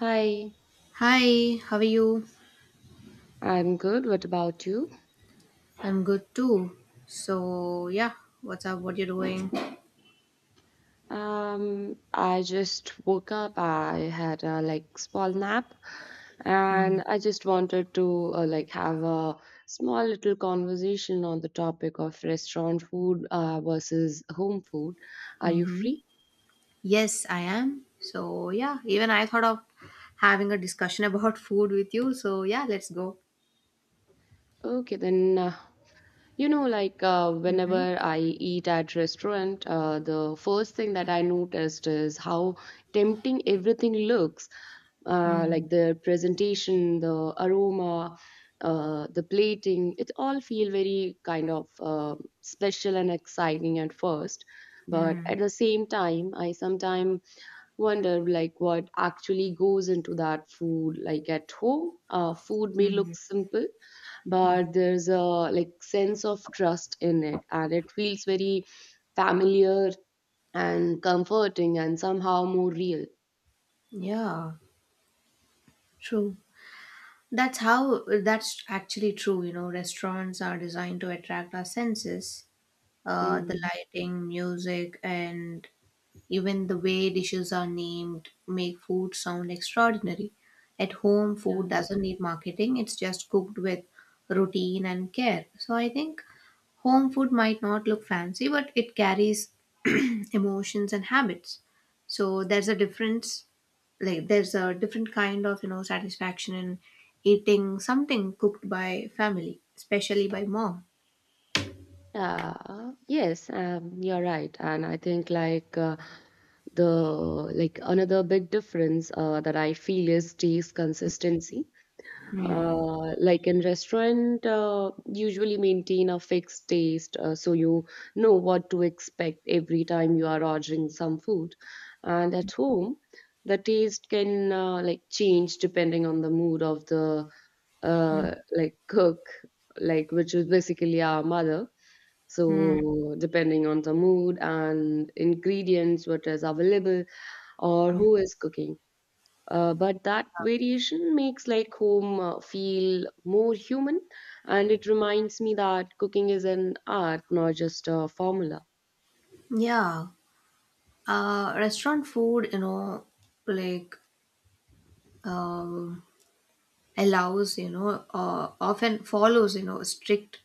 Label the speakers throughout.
Speaker 1: Hi,
Speaker 2: Hi, how are you?
Speaker 1: I'm good. What about you?
Speaker 2: I'm good too. So yeah, what's up? What you doing?
Speaker 1: I just woke up. I had a small nap, and I just wanted to have a small little conversation on the topic of restaurant food versus home food. Are you
Speaker 2: Mm-hmm.
Speaker 1: free?
Speaker 2: Yes, I am. So yeah, even I thought of having a discussion about food with you. So yeah, let's go.
Speaker 1: Okay, then
Speaker 2: Mm-hmm.
Speaker 1: whenever I eat at restaurant, the first thing that I noticed is how tempting everything looks, like the presentation, the aroma, the plating. It all feel very kind of special and exciting at first, but
Speaker 2: Mm-hmm.
Speaker 1: at the same time I sometimes wonder like what actually goes into that food. Like at home, food may
Speaker 2: Mm-hmm.
Speaker 1: look simple but there's a sense of trust in it and it feels very familiar and comforting and somehow more real.
Speaker 2: Yeah, true. That's actually true. You know, restaurants are designed to attract our senses. The
Speaker 1: mm.
Speaker 2: lighting, music, and even the way dishes are named make food sound extraordinary. At home, food
Speaker 1: yeah
Speaker 2: doesn't need marketing, it's just cooked with routine and care. So I think home food might not look fancy, but it carries emotions and habits. So there's a difference, like there's a different kind of, you know, satisfaction in eating something cooked by family, especially by mom.
Speaker 1: yeah, yes, you're right. And I think the another big difference that I feel is taste consistency. Like in restaurant, usually maintain a fixed taste, so you know what to expect every time you are ordering some food. And at home, the taste can change depending on the mood of the
Speaker 2: Mm,
Speaker 1: cook, like which is basically our mother.
Speaker 2: mm,
Speaker 1: So depending on the mood and ingredients, what is available or
Speaker 2: mm.
Speaker 1: who is cooking. But that variation makes like home feel more human, and it reminds me that cooking is an art, not just a formula.
Speaker 2: Yeah, restaurant food, you know, like um, allows often follows strict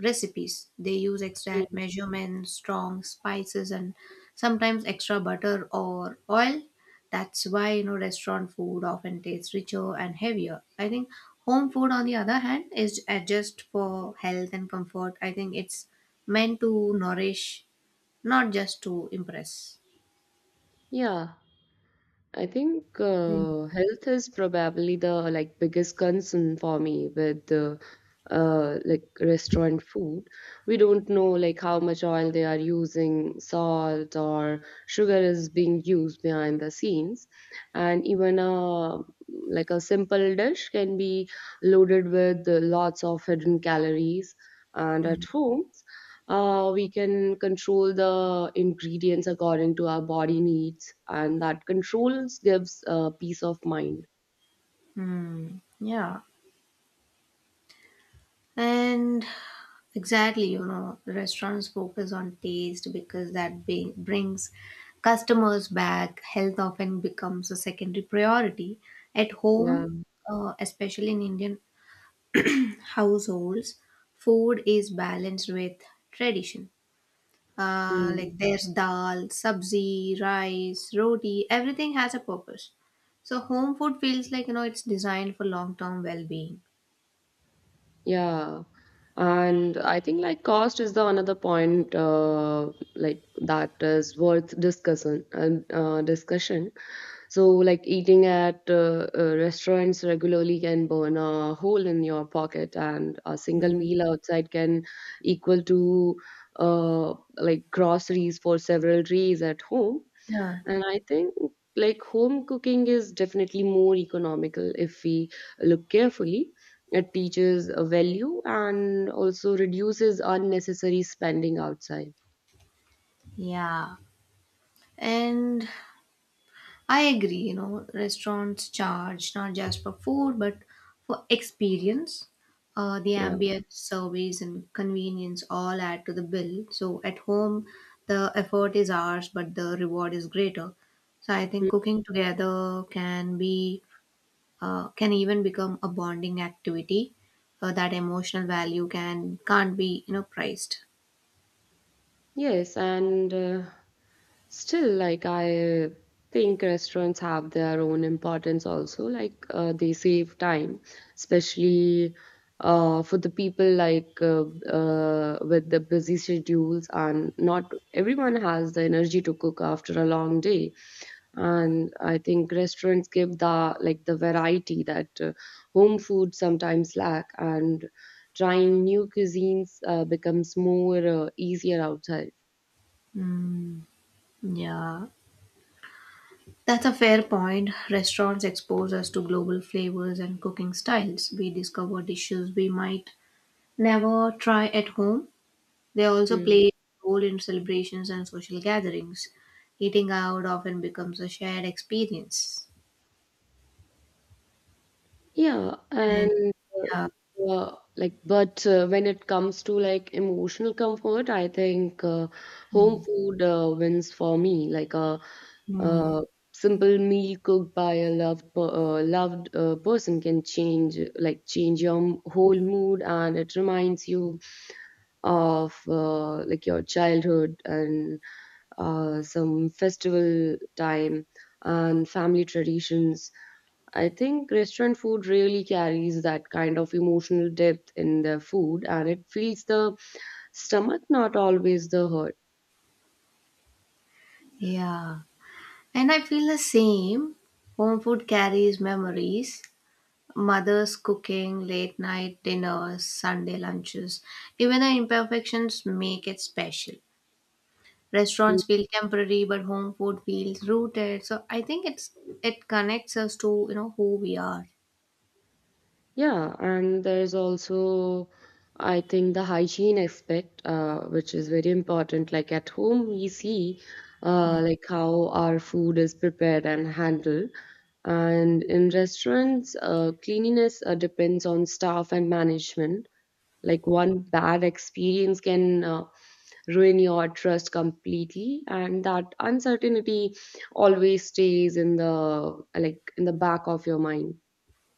Speaker 2: recipes. They use exact
Speaker 1: Mm.
Speaker 2: measurements, strong spices, and sometimes extra butter or oil. That's why, you know, restaurant food often tastes richer and heavier, I think. Home food, on the other hand, is adjusted for health and comfort. I think it's meant to nourish, not just to impress.
Speaker 1: Yeah. I think health is probably the biggest concern for me with restaurant food. We don't know like how much oil they are using, salt or sugar is being used behind the scenes, and even a a simple dish can be loaded with lots of hidden calories. And
Speaker 2: Mm-hmm.
Speaker 1: at home, we can control the ingredients according to our body needs, and that controls gives peace of mind.
Speaker 2: Yeah. And exactly, you know, restaurants focus on taste because that brings customers back. Health often becomes a secondary priority. At
Speaker 1: yeah
Speaker 2: home, especially in Indian households, food is balanced with tradition.
Speaker 1: Hmm.
Speaker 2: Like there's dal, sabzi, rice, roti, everything has a purpose. So home food feels like, you know, it's designed for long-term well-being.
Speaker 1: yeah and I think like cost is the another point, that is worth discussion and discussion. So, like eating at restaurants regularly can burn a hole in your pocket, and a single meal outside can equal to groceries for several days at home.
Speaker 2: Yeah.
Speaker 1: And I think home cooking is definitely more economical if we look carefully. It teaches a value and also reduces unnecessary spending outside.
Speaker 2: Yeah. And I agree, you know, restaurants charge not just for food but for experience. The
Speaker 1: Yeah.
Speaker 2: ambient service and convenience all add to the bill. So at home, the effort is ours, but the reward is greater. So I think cooking together can be can even become a bonding activity. That emotional value can't, be you know, priced.
Speaker 1: Yes, and still, like, I think restaurants have their own importance also. Like, they save time, especially for the people with the busy schedules, and not everyone has the energy to cook after a long day. And I think restaurants give the the variety that home food sometimes lack, and trying new cuisines becomes more easier outside.
Speaker 2: Mm, yeah. That's a fair point. Restaurants expose us to global flavors and cooking styles. We discover dishes we might never try at home. They also
Speaker 1: Mm.
Speaker 2: play a role in celebrations and social gatherings. Eating out often becomes a shared experience.
Speaker 1: Yeah,
Speaker 2: And
Speaker 1: and
Speaker 2: yeah,
Speaker 1: like, but when it comes to like emotional comfort, I think home
Speaker 2: mm,
Speaker 1: food wins for me.
Speaker 2: mm,
Speaker 1: A simple meal cooked by a loved person can change your whole mood, and it reminds you of your childhood and some festival time and family traditions. I think restaurant food really carries that kind of emotional depth in the food, and it feeds the stomach, not always the heart.
Speaker 2: yeah. And I feel the same. Home food carries memories. Mother's cooking, late night dinners, Sunday lunches. Even the imperfections make it special. Restaurants feel temporary, but home food feels rooted. So I think it connects us to, you know, who we are.
Speaker 1: Yeah, and there's also, I think, the hygiene aspect, which is very important. Like at home, we see how our food is prepared and handled. And in restaurants, cleanliness depends on staff and management. Like one bad experience can ruin your trust completely, and that uncertainty always stays in the in the back of your mind.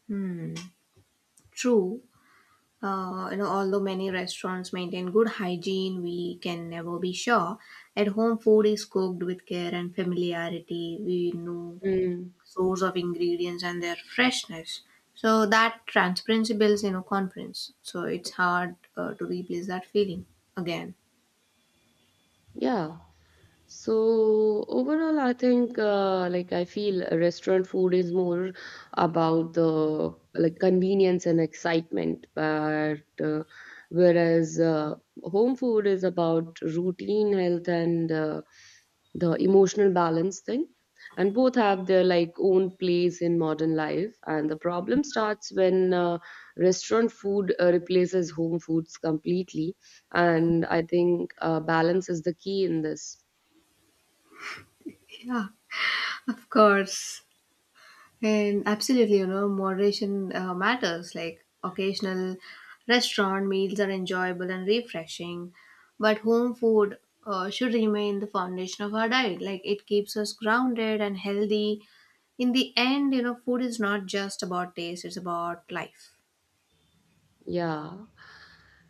Speaker 2: Hmm. True. You know, although many restaurants maintain good hygiene, we can never be sure. At home, food is cooked with care and familiarity. We know
Speaker 1: Mm.
Speaker 2: source of ingredients and their freshness. So that transparency builds, you know, confidence. So it's hard to replace that feeling again.
Speaker 1: Yeah. So overall, I think I feel restaurant food is more about the convenience and excitement, but whereas home food is about routine health and the emotional balance thing. And both have their own place in modern life. And the problem starts when restaurant food replaces home foods completely. And I think balance is the key in this.
Speaker 2: Yeah, of course. And absolutely, you know, moderation matters. Like occasional restaurant meals are enjoyable and refreshing, but home food should remain the foundation of our diet. Like it keeps us grounded and healthy. In the end, you know, food is not just about taste, it's about life.
Speaker 1: Yeah.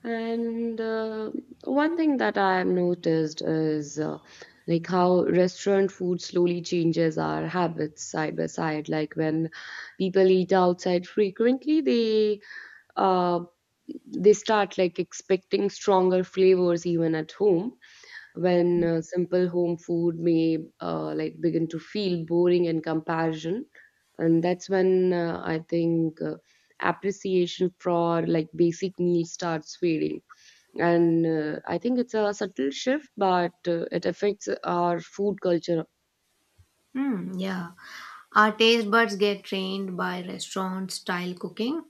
Speaker 1: And one thing that I have noticed is like how restaurant food slowly changes our habits side by side. Like when people eat outside frequently, uh, they start like expecting stronger flavors even at home, when simple home food may begin to feel boring in comparison. And that's when I think appreciation for like basic needs starts fading. And I think it's a subtle shift, but it affects our food culture.
Speaker 2: Hmm, yeah. Our taste buds get trained by restaurant style cooking.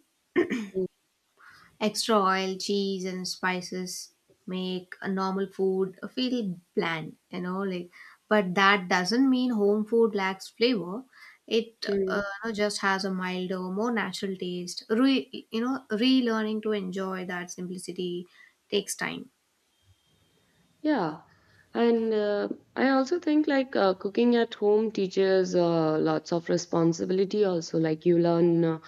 Speaker 2: Extra oil, cheese, and spices make a normal food feel bland, you know, like, but that doesn't mean home food lacks flavor. It
Speaker 1: Mm.
Speaker 2: you know, just has a milder, more natural taste. You know, relearning to enjoy that simplicity takes time.
Speaker 1: Yeah, and I also think cooking at home teaches lots of responsibility also. Like you learn uh,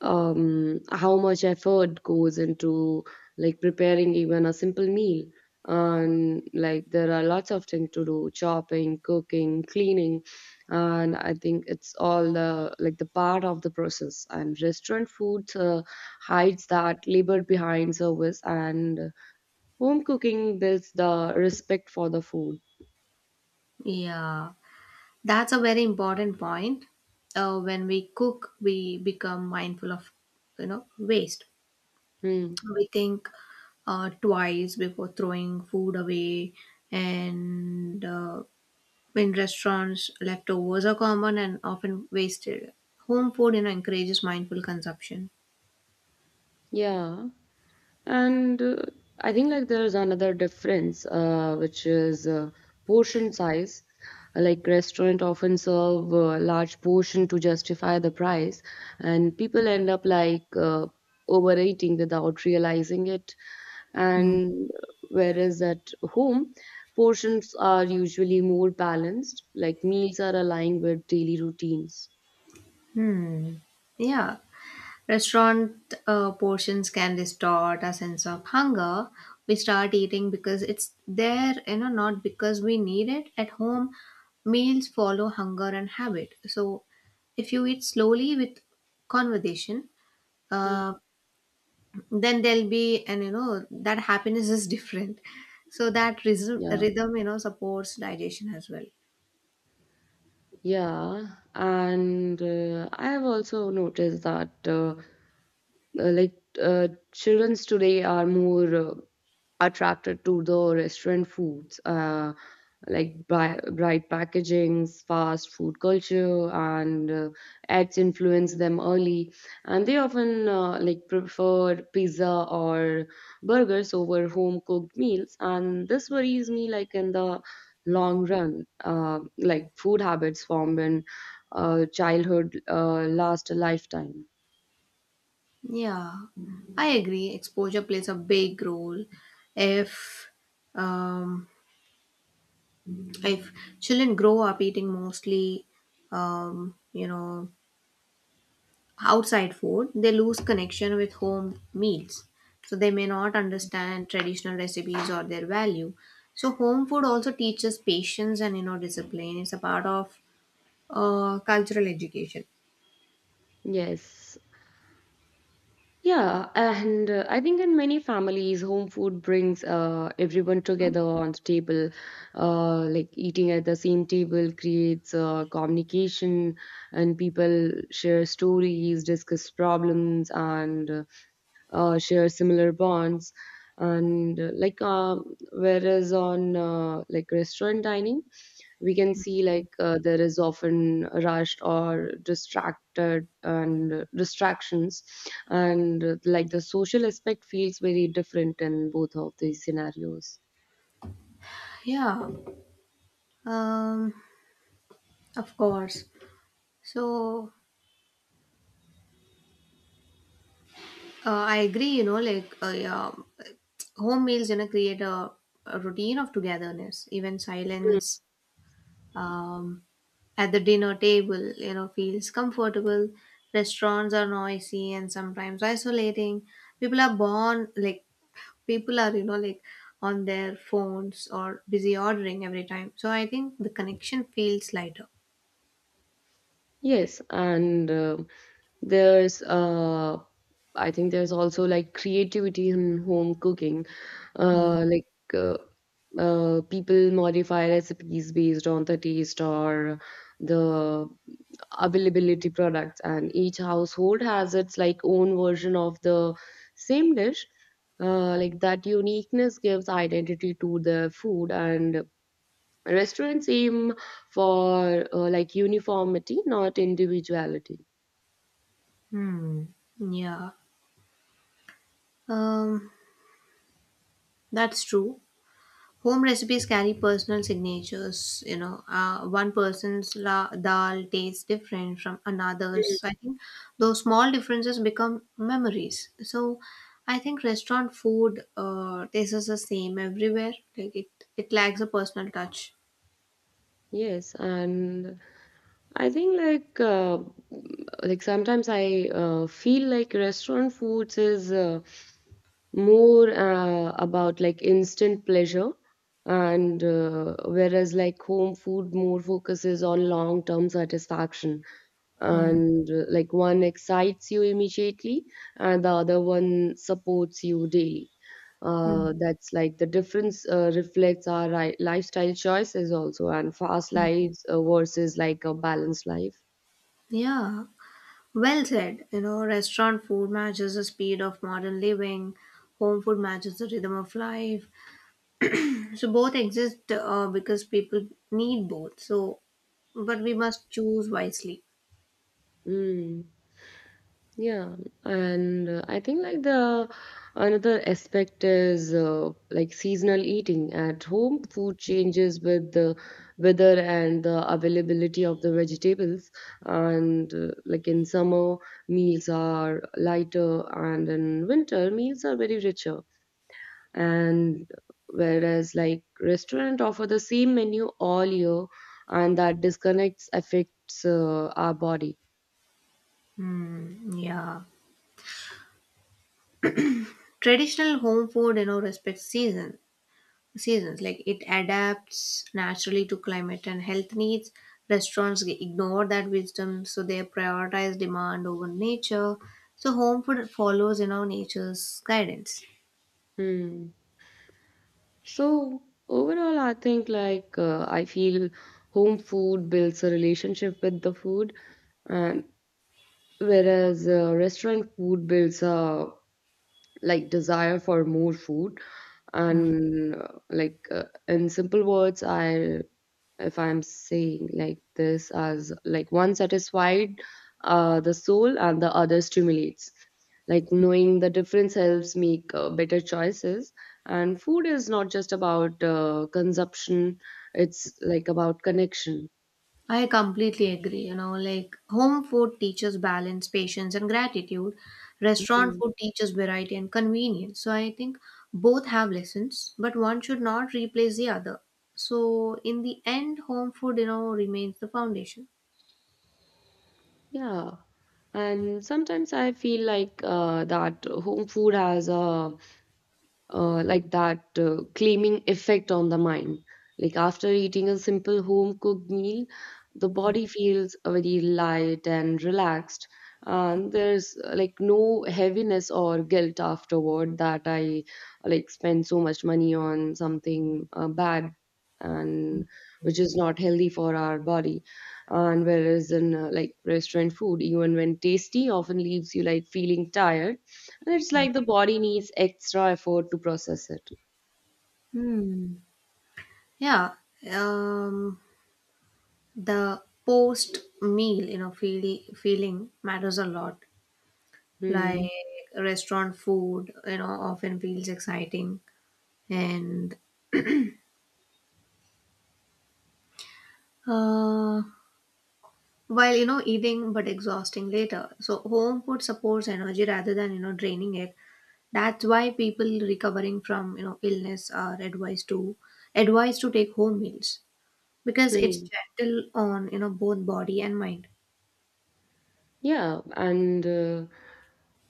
Speaker 1: um, how much effort goes into preparing even a simple meal. And like there are lots of things to do: chopping, cooking, cleaning, and I think it's all the the part of the process. And restaurant food hides that labor behind service. And home cooking builds the respect for the food.
Speaker 2: Yeah, that's a very important point. When we cook, we become mindful of, you know, waste.
Speaker 1: Hmm.
Speaker 2: We think twice before throwing food away, and in restaurants leftovers are common and often wasted. Home food, you know, encourages mindful consumption.
Speaker 1: Yeah, and I think like there's another difference, which is portion size. Like restaurant often serve a large portion to justify the price, and people end up overeating without realizing it.
Speaker 2: Mm,
Speaker 1: And whereas at home, portions are usually more balanced. Like meals are aligned with daily routines.
Speaker 2: hmm, yeah. Restaurant portions can distort our sense of hunger. We start eating because it's there, you know, not because we need it. At home meals follow hunger and habit. So if you eat slowly with conversation,
Speaker 1: Hmm.
Speaker 2: uh, then there'll be, and you know, that happiness is different. So that rhythm,
Speaker 1: Yeah.
Speaker 2: rhythm you know, supports digestion as well.
Speaker 1: Yeah, and I have also noticed that childrens today are more attracted to the restaurant foods, like bright packagings, fast food culture, and ads influence them early. And they often prefer pizza or burgers over home cooked meals. And this worries me, like in the long run, food habits formed in childhood last a lifetime.
Speaker 2: Yeah, I agree. Exposure plays a big role. If um if children grow up eating mostly, you know, outside food, they lose connection with home meals. So they may not understand traditional recipes or their value. So home food also teaches patience and, you know, discipline. It's a part of cultural education.
Speaker 1: Yes. Yeah, and I think in many families, home food brings everyone together on the table. Like eating at the same table creates communication, and people share stories, discuss problems, and share similar bonds. And whereas on restaurant dining, we can see there is often rushed or distracted, and distractions, and like the social aspect feels very different in both of these scenarios.
Speaker 2: Yeah, um, of course. So I agree. You know, like yeah, home meals, you know, create a routine of togetherness. Even
Speaker 1: Mm.
Speaker 2: silence um, at the dinner table, you know, feels comfortable. Restaurants are noisy and sometimes isolating. People are born like People are, you know, like on their phones or busy ordering every time. So I think the connection feels lighter.
Speaker 1: Yes, and there's I think there's also like creativity in home cooking, uh like uh, people modify recipes based on the taste or the availability products, and each household has its own version of the same dish. Like that uniqueness gives identity to the food, and restaurants aim for like uniformity, not individuality.
Speaker 2: Hmm. Yeah. Um. That's true. Home recipes carry personal signatures. You know, one person's dal tastes different from another's. So, I think those small differences become memories. So, I think restaurant food tastes the same everywhere. Like it lacks a personal touch.
Speaker 1: Yes, and I think sometimes I feel like restaurant foods is more about like instant pleasure, and whereas like home food more focuses on long-term satisfaction.
Speaker 2: Hmm.
Speaker 1: And like one excites you immediately, and the other one supports you daily.
Speaker 2: Hmm.
Speaker 1: That's like the difference reflects our lifestyle choices also, and fast lives versus like a balanced life.
Speaker 2: Yeah, well said. You know, restaurant food matches the speed of modern living, home food matches the rhythm of life. So both exist because people need both. So, but we must choose wisely.
Speaker 1: Mm, yeah, and I think like the another aspect is like seasonal eating at home. Food changes with the weather and the availability of the vegetables, and like in summer meals are lighter, and in winter meals are very richer. And whereas like restaurant offer the same menu all year, and that disconnects affects our body.
Speaker 2: Hmm. Yeah. Traditional home food, you know, respects seasons. Like it adapts naturally to climate and health needs. Restaurants ignore that wisdom, so they prioritize demand over nature. So home food follows, you know, nature's guidance.
Speaker 1: Hmm. So overall I think I feel home food builds a relationship with the food, and whereas restaurant food builds a desire for more food. And in simple words, I if I'm saying like this, as like one satisfied the soul, and the other stimulates. Like knowing the difference helps make better choices, and food is not just about consumption, it's like about connection.
Speaker 2: I completely agree. You know, like home food teaches balance, patience, and gratitude. Restaurant
Speaker 1: Mhm.
Speaker 2: food teaches variety and convenience. So I think both have lessons, but one should not replace the other. So in the end, home food, you know, remains the foundation.
Speaker 1: Yeah, and sometimes I feel like that home food has a like that claiming effect on the mind. Like after eating a simple home cooked meal, the body feels very light and relaxed. And there's like no heaviness or guilt afterward, that I like spend so much money on something bad, and which is not healthy for our body. And whereas in like restaurant food, even when tasty, often leaves you like feeling tired. It's like the body needs extra effort to process it.
Speaker 2: Hmm. Yeah. Um, the post meal, you know, feeling matters a lot.
Speaker 1: Hmm.
Speaker 2: Like restaurant food, you know, often feels exciting. And uh, while, you know, eating, but exhausting later. So home food supports energy rather than, you know, draining it. That's why people recovering from, you know, illness are advised to take home meals, because it's
Speaker 1: Hmm.
Speaker 2: gentle on, you know, both body and mind.
Speaker 1: Yeah, and uh,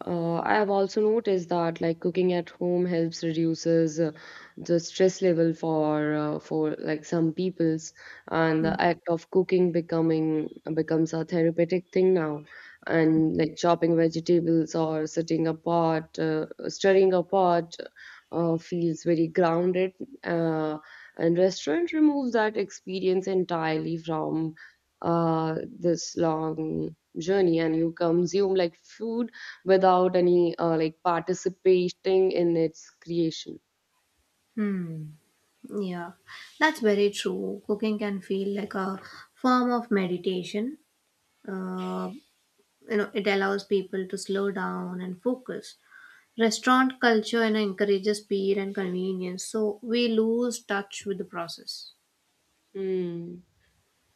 Speaker 1: uh, I have also noticed that like cooking at home helps reduces the stress level for like some peoples, and the act of cooking becoming becomes a therapeutic thing now. And like chopping vegetables or sitting apart, stirring apart. Feels very grounded, uh, and restaurant removes that experience entirely from this long journey, and you consume like food without any participating in its creation.
Speaker 2: Hmm. Yeah, that's very true. Cooking can feel like a form of meditation. Uh, you know, it allows people to slow down and focus. Restaurant culture and encourages speed and convenience, so we lose touch with the process.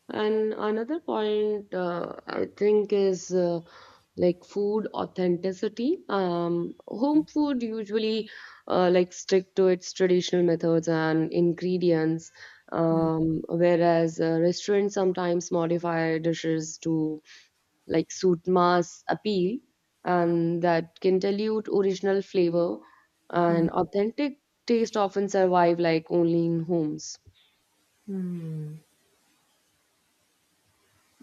Speaker 1: And another point I think is like food authenticity. Home food usually like stick to its traditional methods and ingredients,
Speaker 2: Mm,
Speaker 1: whereas restaurants sometimes modify dishes to like suit mass appeal, and that can dilute original flavor.
Speaker 2: mm,
Speaker 1: And authentic taste often survive like only in homes.
Speaker 2: mm.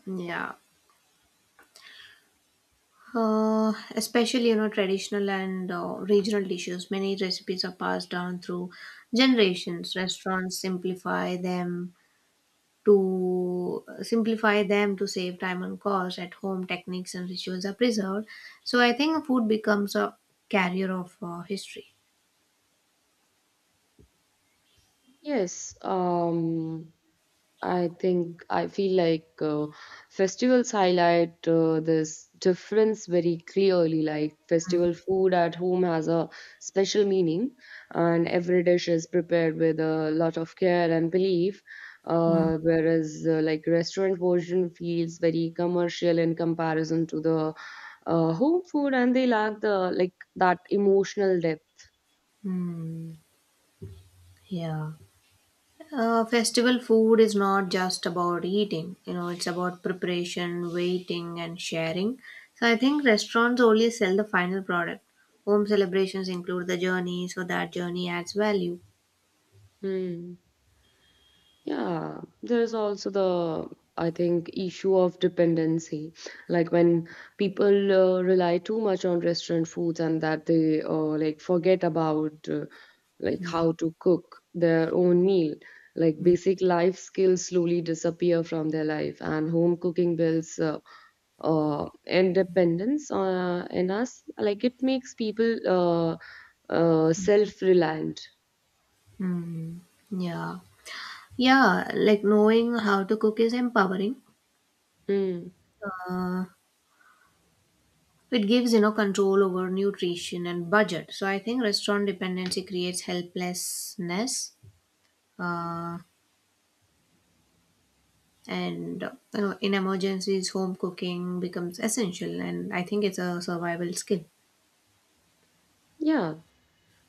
Speaker 2: Yeah. Especially, you know, traditional and regional dishes. Many recipes are passed down through generations. Restaurants simplify them to save time and cost. At home techniques and rituals are preserved, so I think food becomes a carrier of history.
Speaker 1: Yes, I think I feel like festivals highlight this difference very clearly. Like
Speaker 2: Mm,
Speaker 1: festival food at home has a special meaning, and every dish is prepared with a lot of care and belief.
Speaker 2: mm,
Speaker 1: Whereas like restaurant version feels very commercial in comparison to the home food, and they lack the like that emotional depth.
Speaker 2: mm. Yeah. Festival food is not just about eating, you know, it's about preparation, waiting, and sharing. So I think restaurants only sell the final product. Home celebrations include the journey, so that journey adds value.
Speaker 1: Hmm. Yeah, there is also the, I think, issue of dependency. Like when people rely too much on restaurant foods and that they like forget about like how to cook their own meal. Like basic life skills slowly disappear from their life, and home cooking builds independence in us. Like it makes people self-reliant.
Speaker 2: Hmm. Yeah. Yeah, like knowing how to cook is empowering.
Speaker 1: Hmm.
Speaker 2: Uh, it gives, you know, control over nutrition and budget. So I think restaurant dependency creates helplessness. Uh, and you know, in emergencies home cooking becomes essential, and I think it's a survival skill.
Speaker 1: Yeah,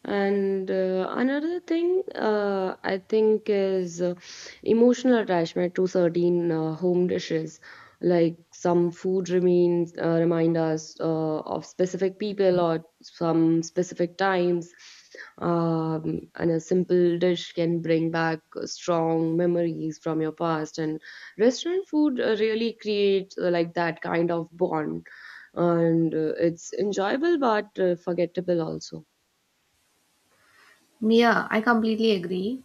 Speaker 1: and another thing I think is emotional attachment to certain home dishes. Like some food remains remind us of specific people or some specific times. And a simple dish can bring back strong memories from your past. And restaurant food really creates like that kind of bond. And it's enjoyable but forgettable also.
Speaker 2: Yeah, I completely agree.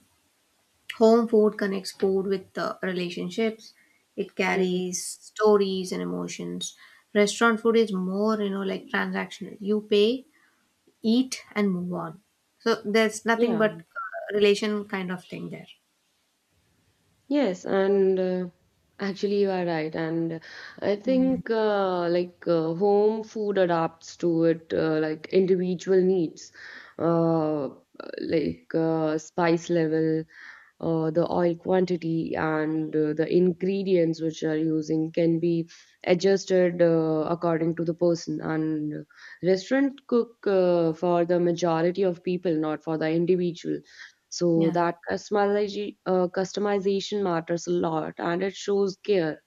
Speaker 2: Home food connects food with relationships. It
Speaker 1: Mm.
Speaker 2: carries stories and emotions. Restaurant food is more, you know, like transactional. You pay, eat, and move on. So there's nothing
Speaker 1: Yeah,
Speaker 2: but relation kind of thing there.
Speaker 1: yes, and actually you are right, and I
Speaker 2: Mm,
Speaker 1: think like home food adapts to it like individual needs, uh, like spice level, the oil quantity and the ingredients which are using can be adjusted according to the person, and restaurant cook for the majority of people, not for the individual. So
Speaker 2: yeah.
Speaker 1: that customization matters a lot and it shows care.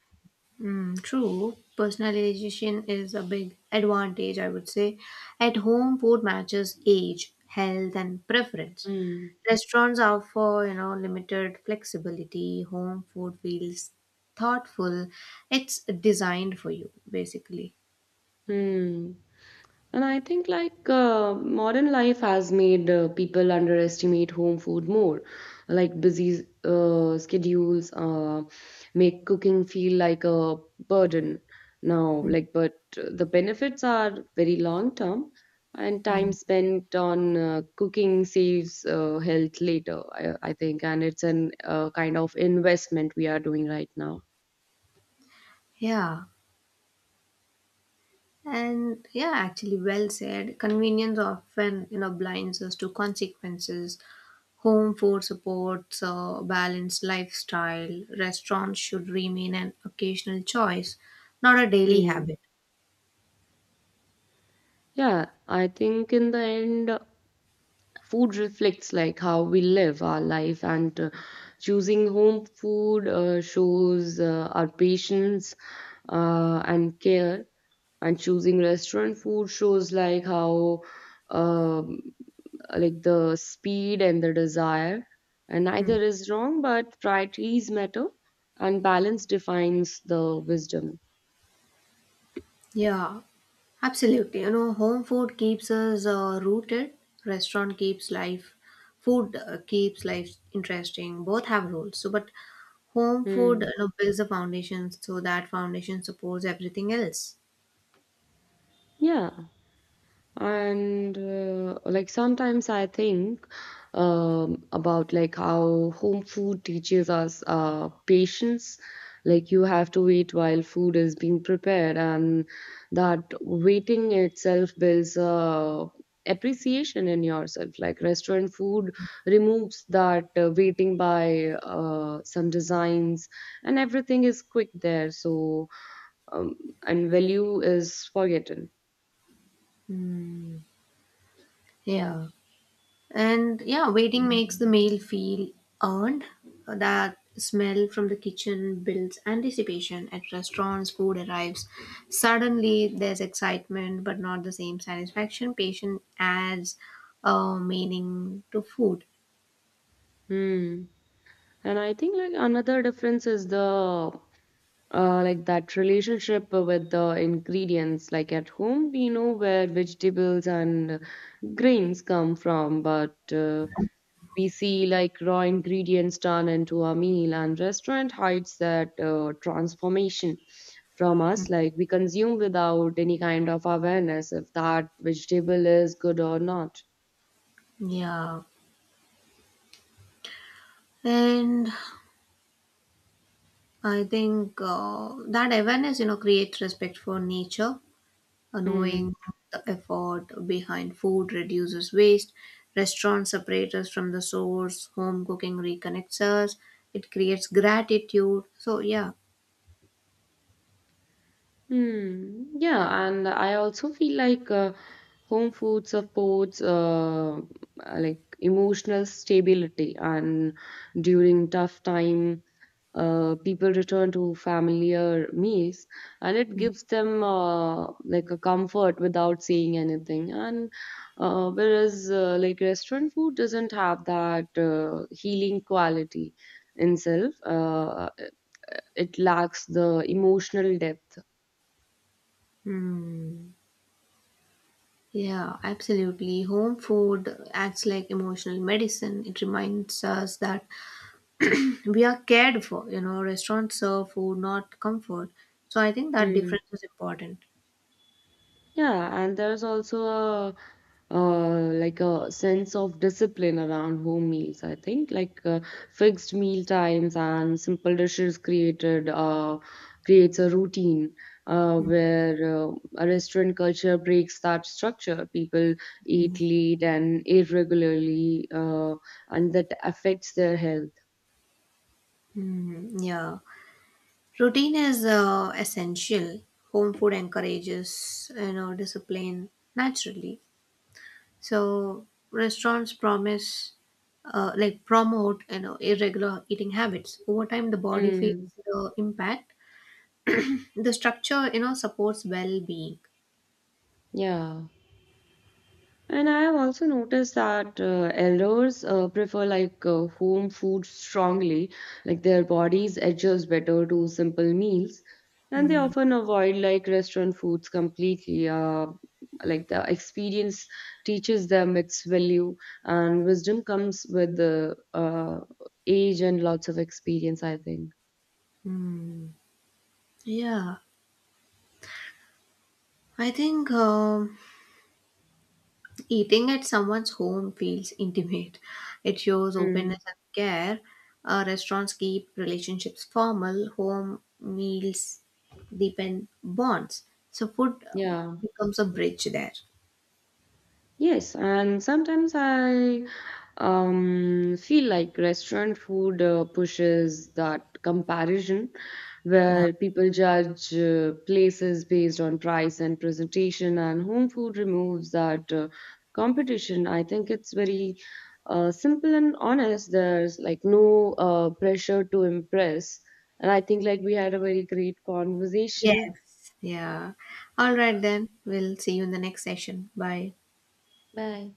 Speaker 2: Mm, true. Personalization is a big advantage, I would say. At home, food matches age, health, and preference.
Speaker 1: Hmm.
Speaker 2: Restaurants offer, you know, limited flexibility. Home food feels thoughtful. It's designed for you, basically.
Speaker 1: Hmm. And I think like modern life has made people underestimate home food more. Like busy schedules make cooking feel like a burden now. Like, but the benefits are very long term, and time
Speaker 2: Mhm.
Speaker 1: spent on cooking saves health later, I think, and it's an kind of investment we are doing right now.
Speaker 2: Yeah. And yeah, actually, well said. Convenience often, you know, blinds us to consequences. Home food supports a balanced lifestyle. Restaurants should remain an occasional choice, not a daily
Speaker 1: Hmm.
Speaker 2: habit.
Speaker 1: Yeah, I think in the end food reflects like how we live our life, and choosing home food shows our patience and care, and choosing restaurant food shows like how um, like the speed and the desire, and
Speaker 2: Hmm.
Speaker 1: neither is wrong but priorities matter, and balance defines the wisdom.
Speaker 2: Yeah, absolutely. You know, home food keeps us rooted. Restaurant keeps life. Food keeps life interesting. Both have roles. So, but home food,
Speaker 1: Hmm.
Speaker 2: you know, builds the foundation, so that foundation supports everything else.
Speaker 1: Yeah, and like sometimes I think about like how home food teaches us patience. Like you have to wait while food is being prepared, and that waiting itself builds appreciation in yourself. Like restaurant food removes that waiting by some designs, and everything is quick there. So um, and value is forgotten.
Speaker 2: Mm, yeah. And yeah, waiting makes the meal feel earned. That smell from the kitchen builds anticipation. At restaurants, food arrives. Suddenly, there's excitement, but not the same satisfaction. Patient adds meaning to food.
Speaker 1: Hmm. And I think like another difference is the like that relationship with the ingredients. Like at home, we know where vegetables and grains come from, but we see like raw ingredients turned into a meal, and restaurant hides that transformation from us. Like we consume without any kind of awareness if that vegetable is good or not.
Speaker 2: Yeah. And I think that awareness, you know, creates respect for nature.
Speaker 1: Hmm.
Speaker 2: Knowing the effort behind food reduces waste. Restaurants separate us from the source, home cooking reconnects us. It creates gratitude, so yeah.
Speaker 1: Hmm. Yeah, and I also feel like home food supports like emotional stability, and during tough time, people return to familiar meals, and it gives them like a comfort without saying anything. And whereas like restaurant food doesn't have that healing quality in itself, it lacks the emotional depth.
Speaker 2: Hmm. Yeah, absolutely. Home food acts like emotional medicine. It reminds us that we are cared for. You know, restaurants serve food, not comfort. So I think that
Speaker 1: Hmm.
Speaker 2: difference is important.
Speaker 1: Yeah, and there's also a like a sense of discipline around home meals, I think. Like fixed meal times and simple dishes created creates a routine where a restaurant culture breaks that structure. People eat late and irregularly, and that affects their health.
Speaker 2: Hmm. Yeah. Routine is essential. Home food encourages, you know, discipline naturally. So restaurants promise promote, you know, irregular eating habits. Over time, the body feels
Speaker 1: Mm,
Speaker 2: the impact. The structure, you know, supports well being.
Speaker 1: yeah. And I have also noticed that elders prefer like home food strongly, like their bodies adjust better to simple meals, and they
Speaker 2: Mm,
Speaker 1: often avoid like restaurant foods completely. Like the experience teaches them its value, and wisdom comes with the age and lots of experience, I think.
Speaker 2: mm. Yeah, I think. Eating at someone's home feels intimate. It shows
Speaker 1: Mm.
Speaker 2: openness and care. Restaurants keep relationships formal. Home meals deepen bonds. So food
Speaker 1: Yeah.
Speaker 2: becomes a bridge there.
Speaker 1: Yes, and sometimes I feel like restaurant food pushes that comparison
Speaker 2: Yeah.
Speaker 1: where people judge places based on price and presentation, and home food removes that competition. I think it's very simple and honest. There's like no pressure to impress. And I think like we had a very great conversation.
Speaker 2: Yes. Yeah. All right then. We'll see you in the next session. Bye.
Speaker 1: Bye.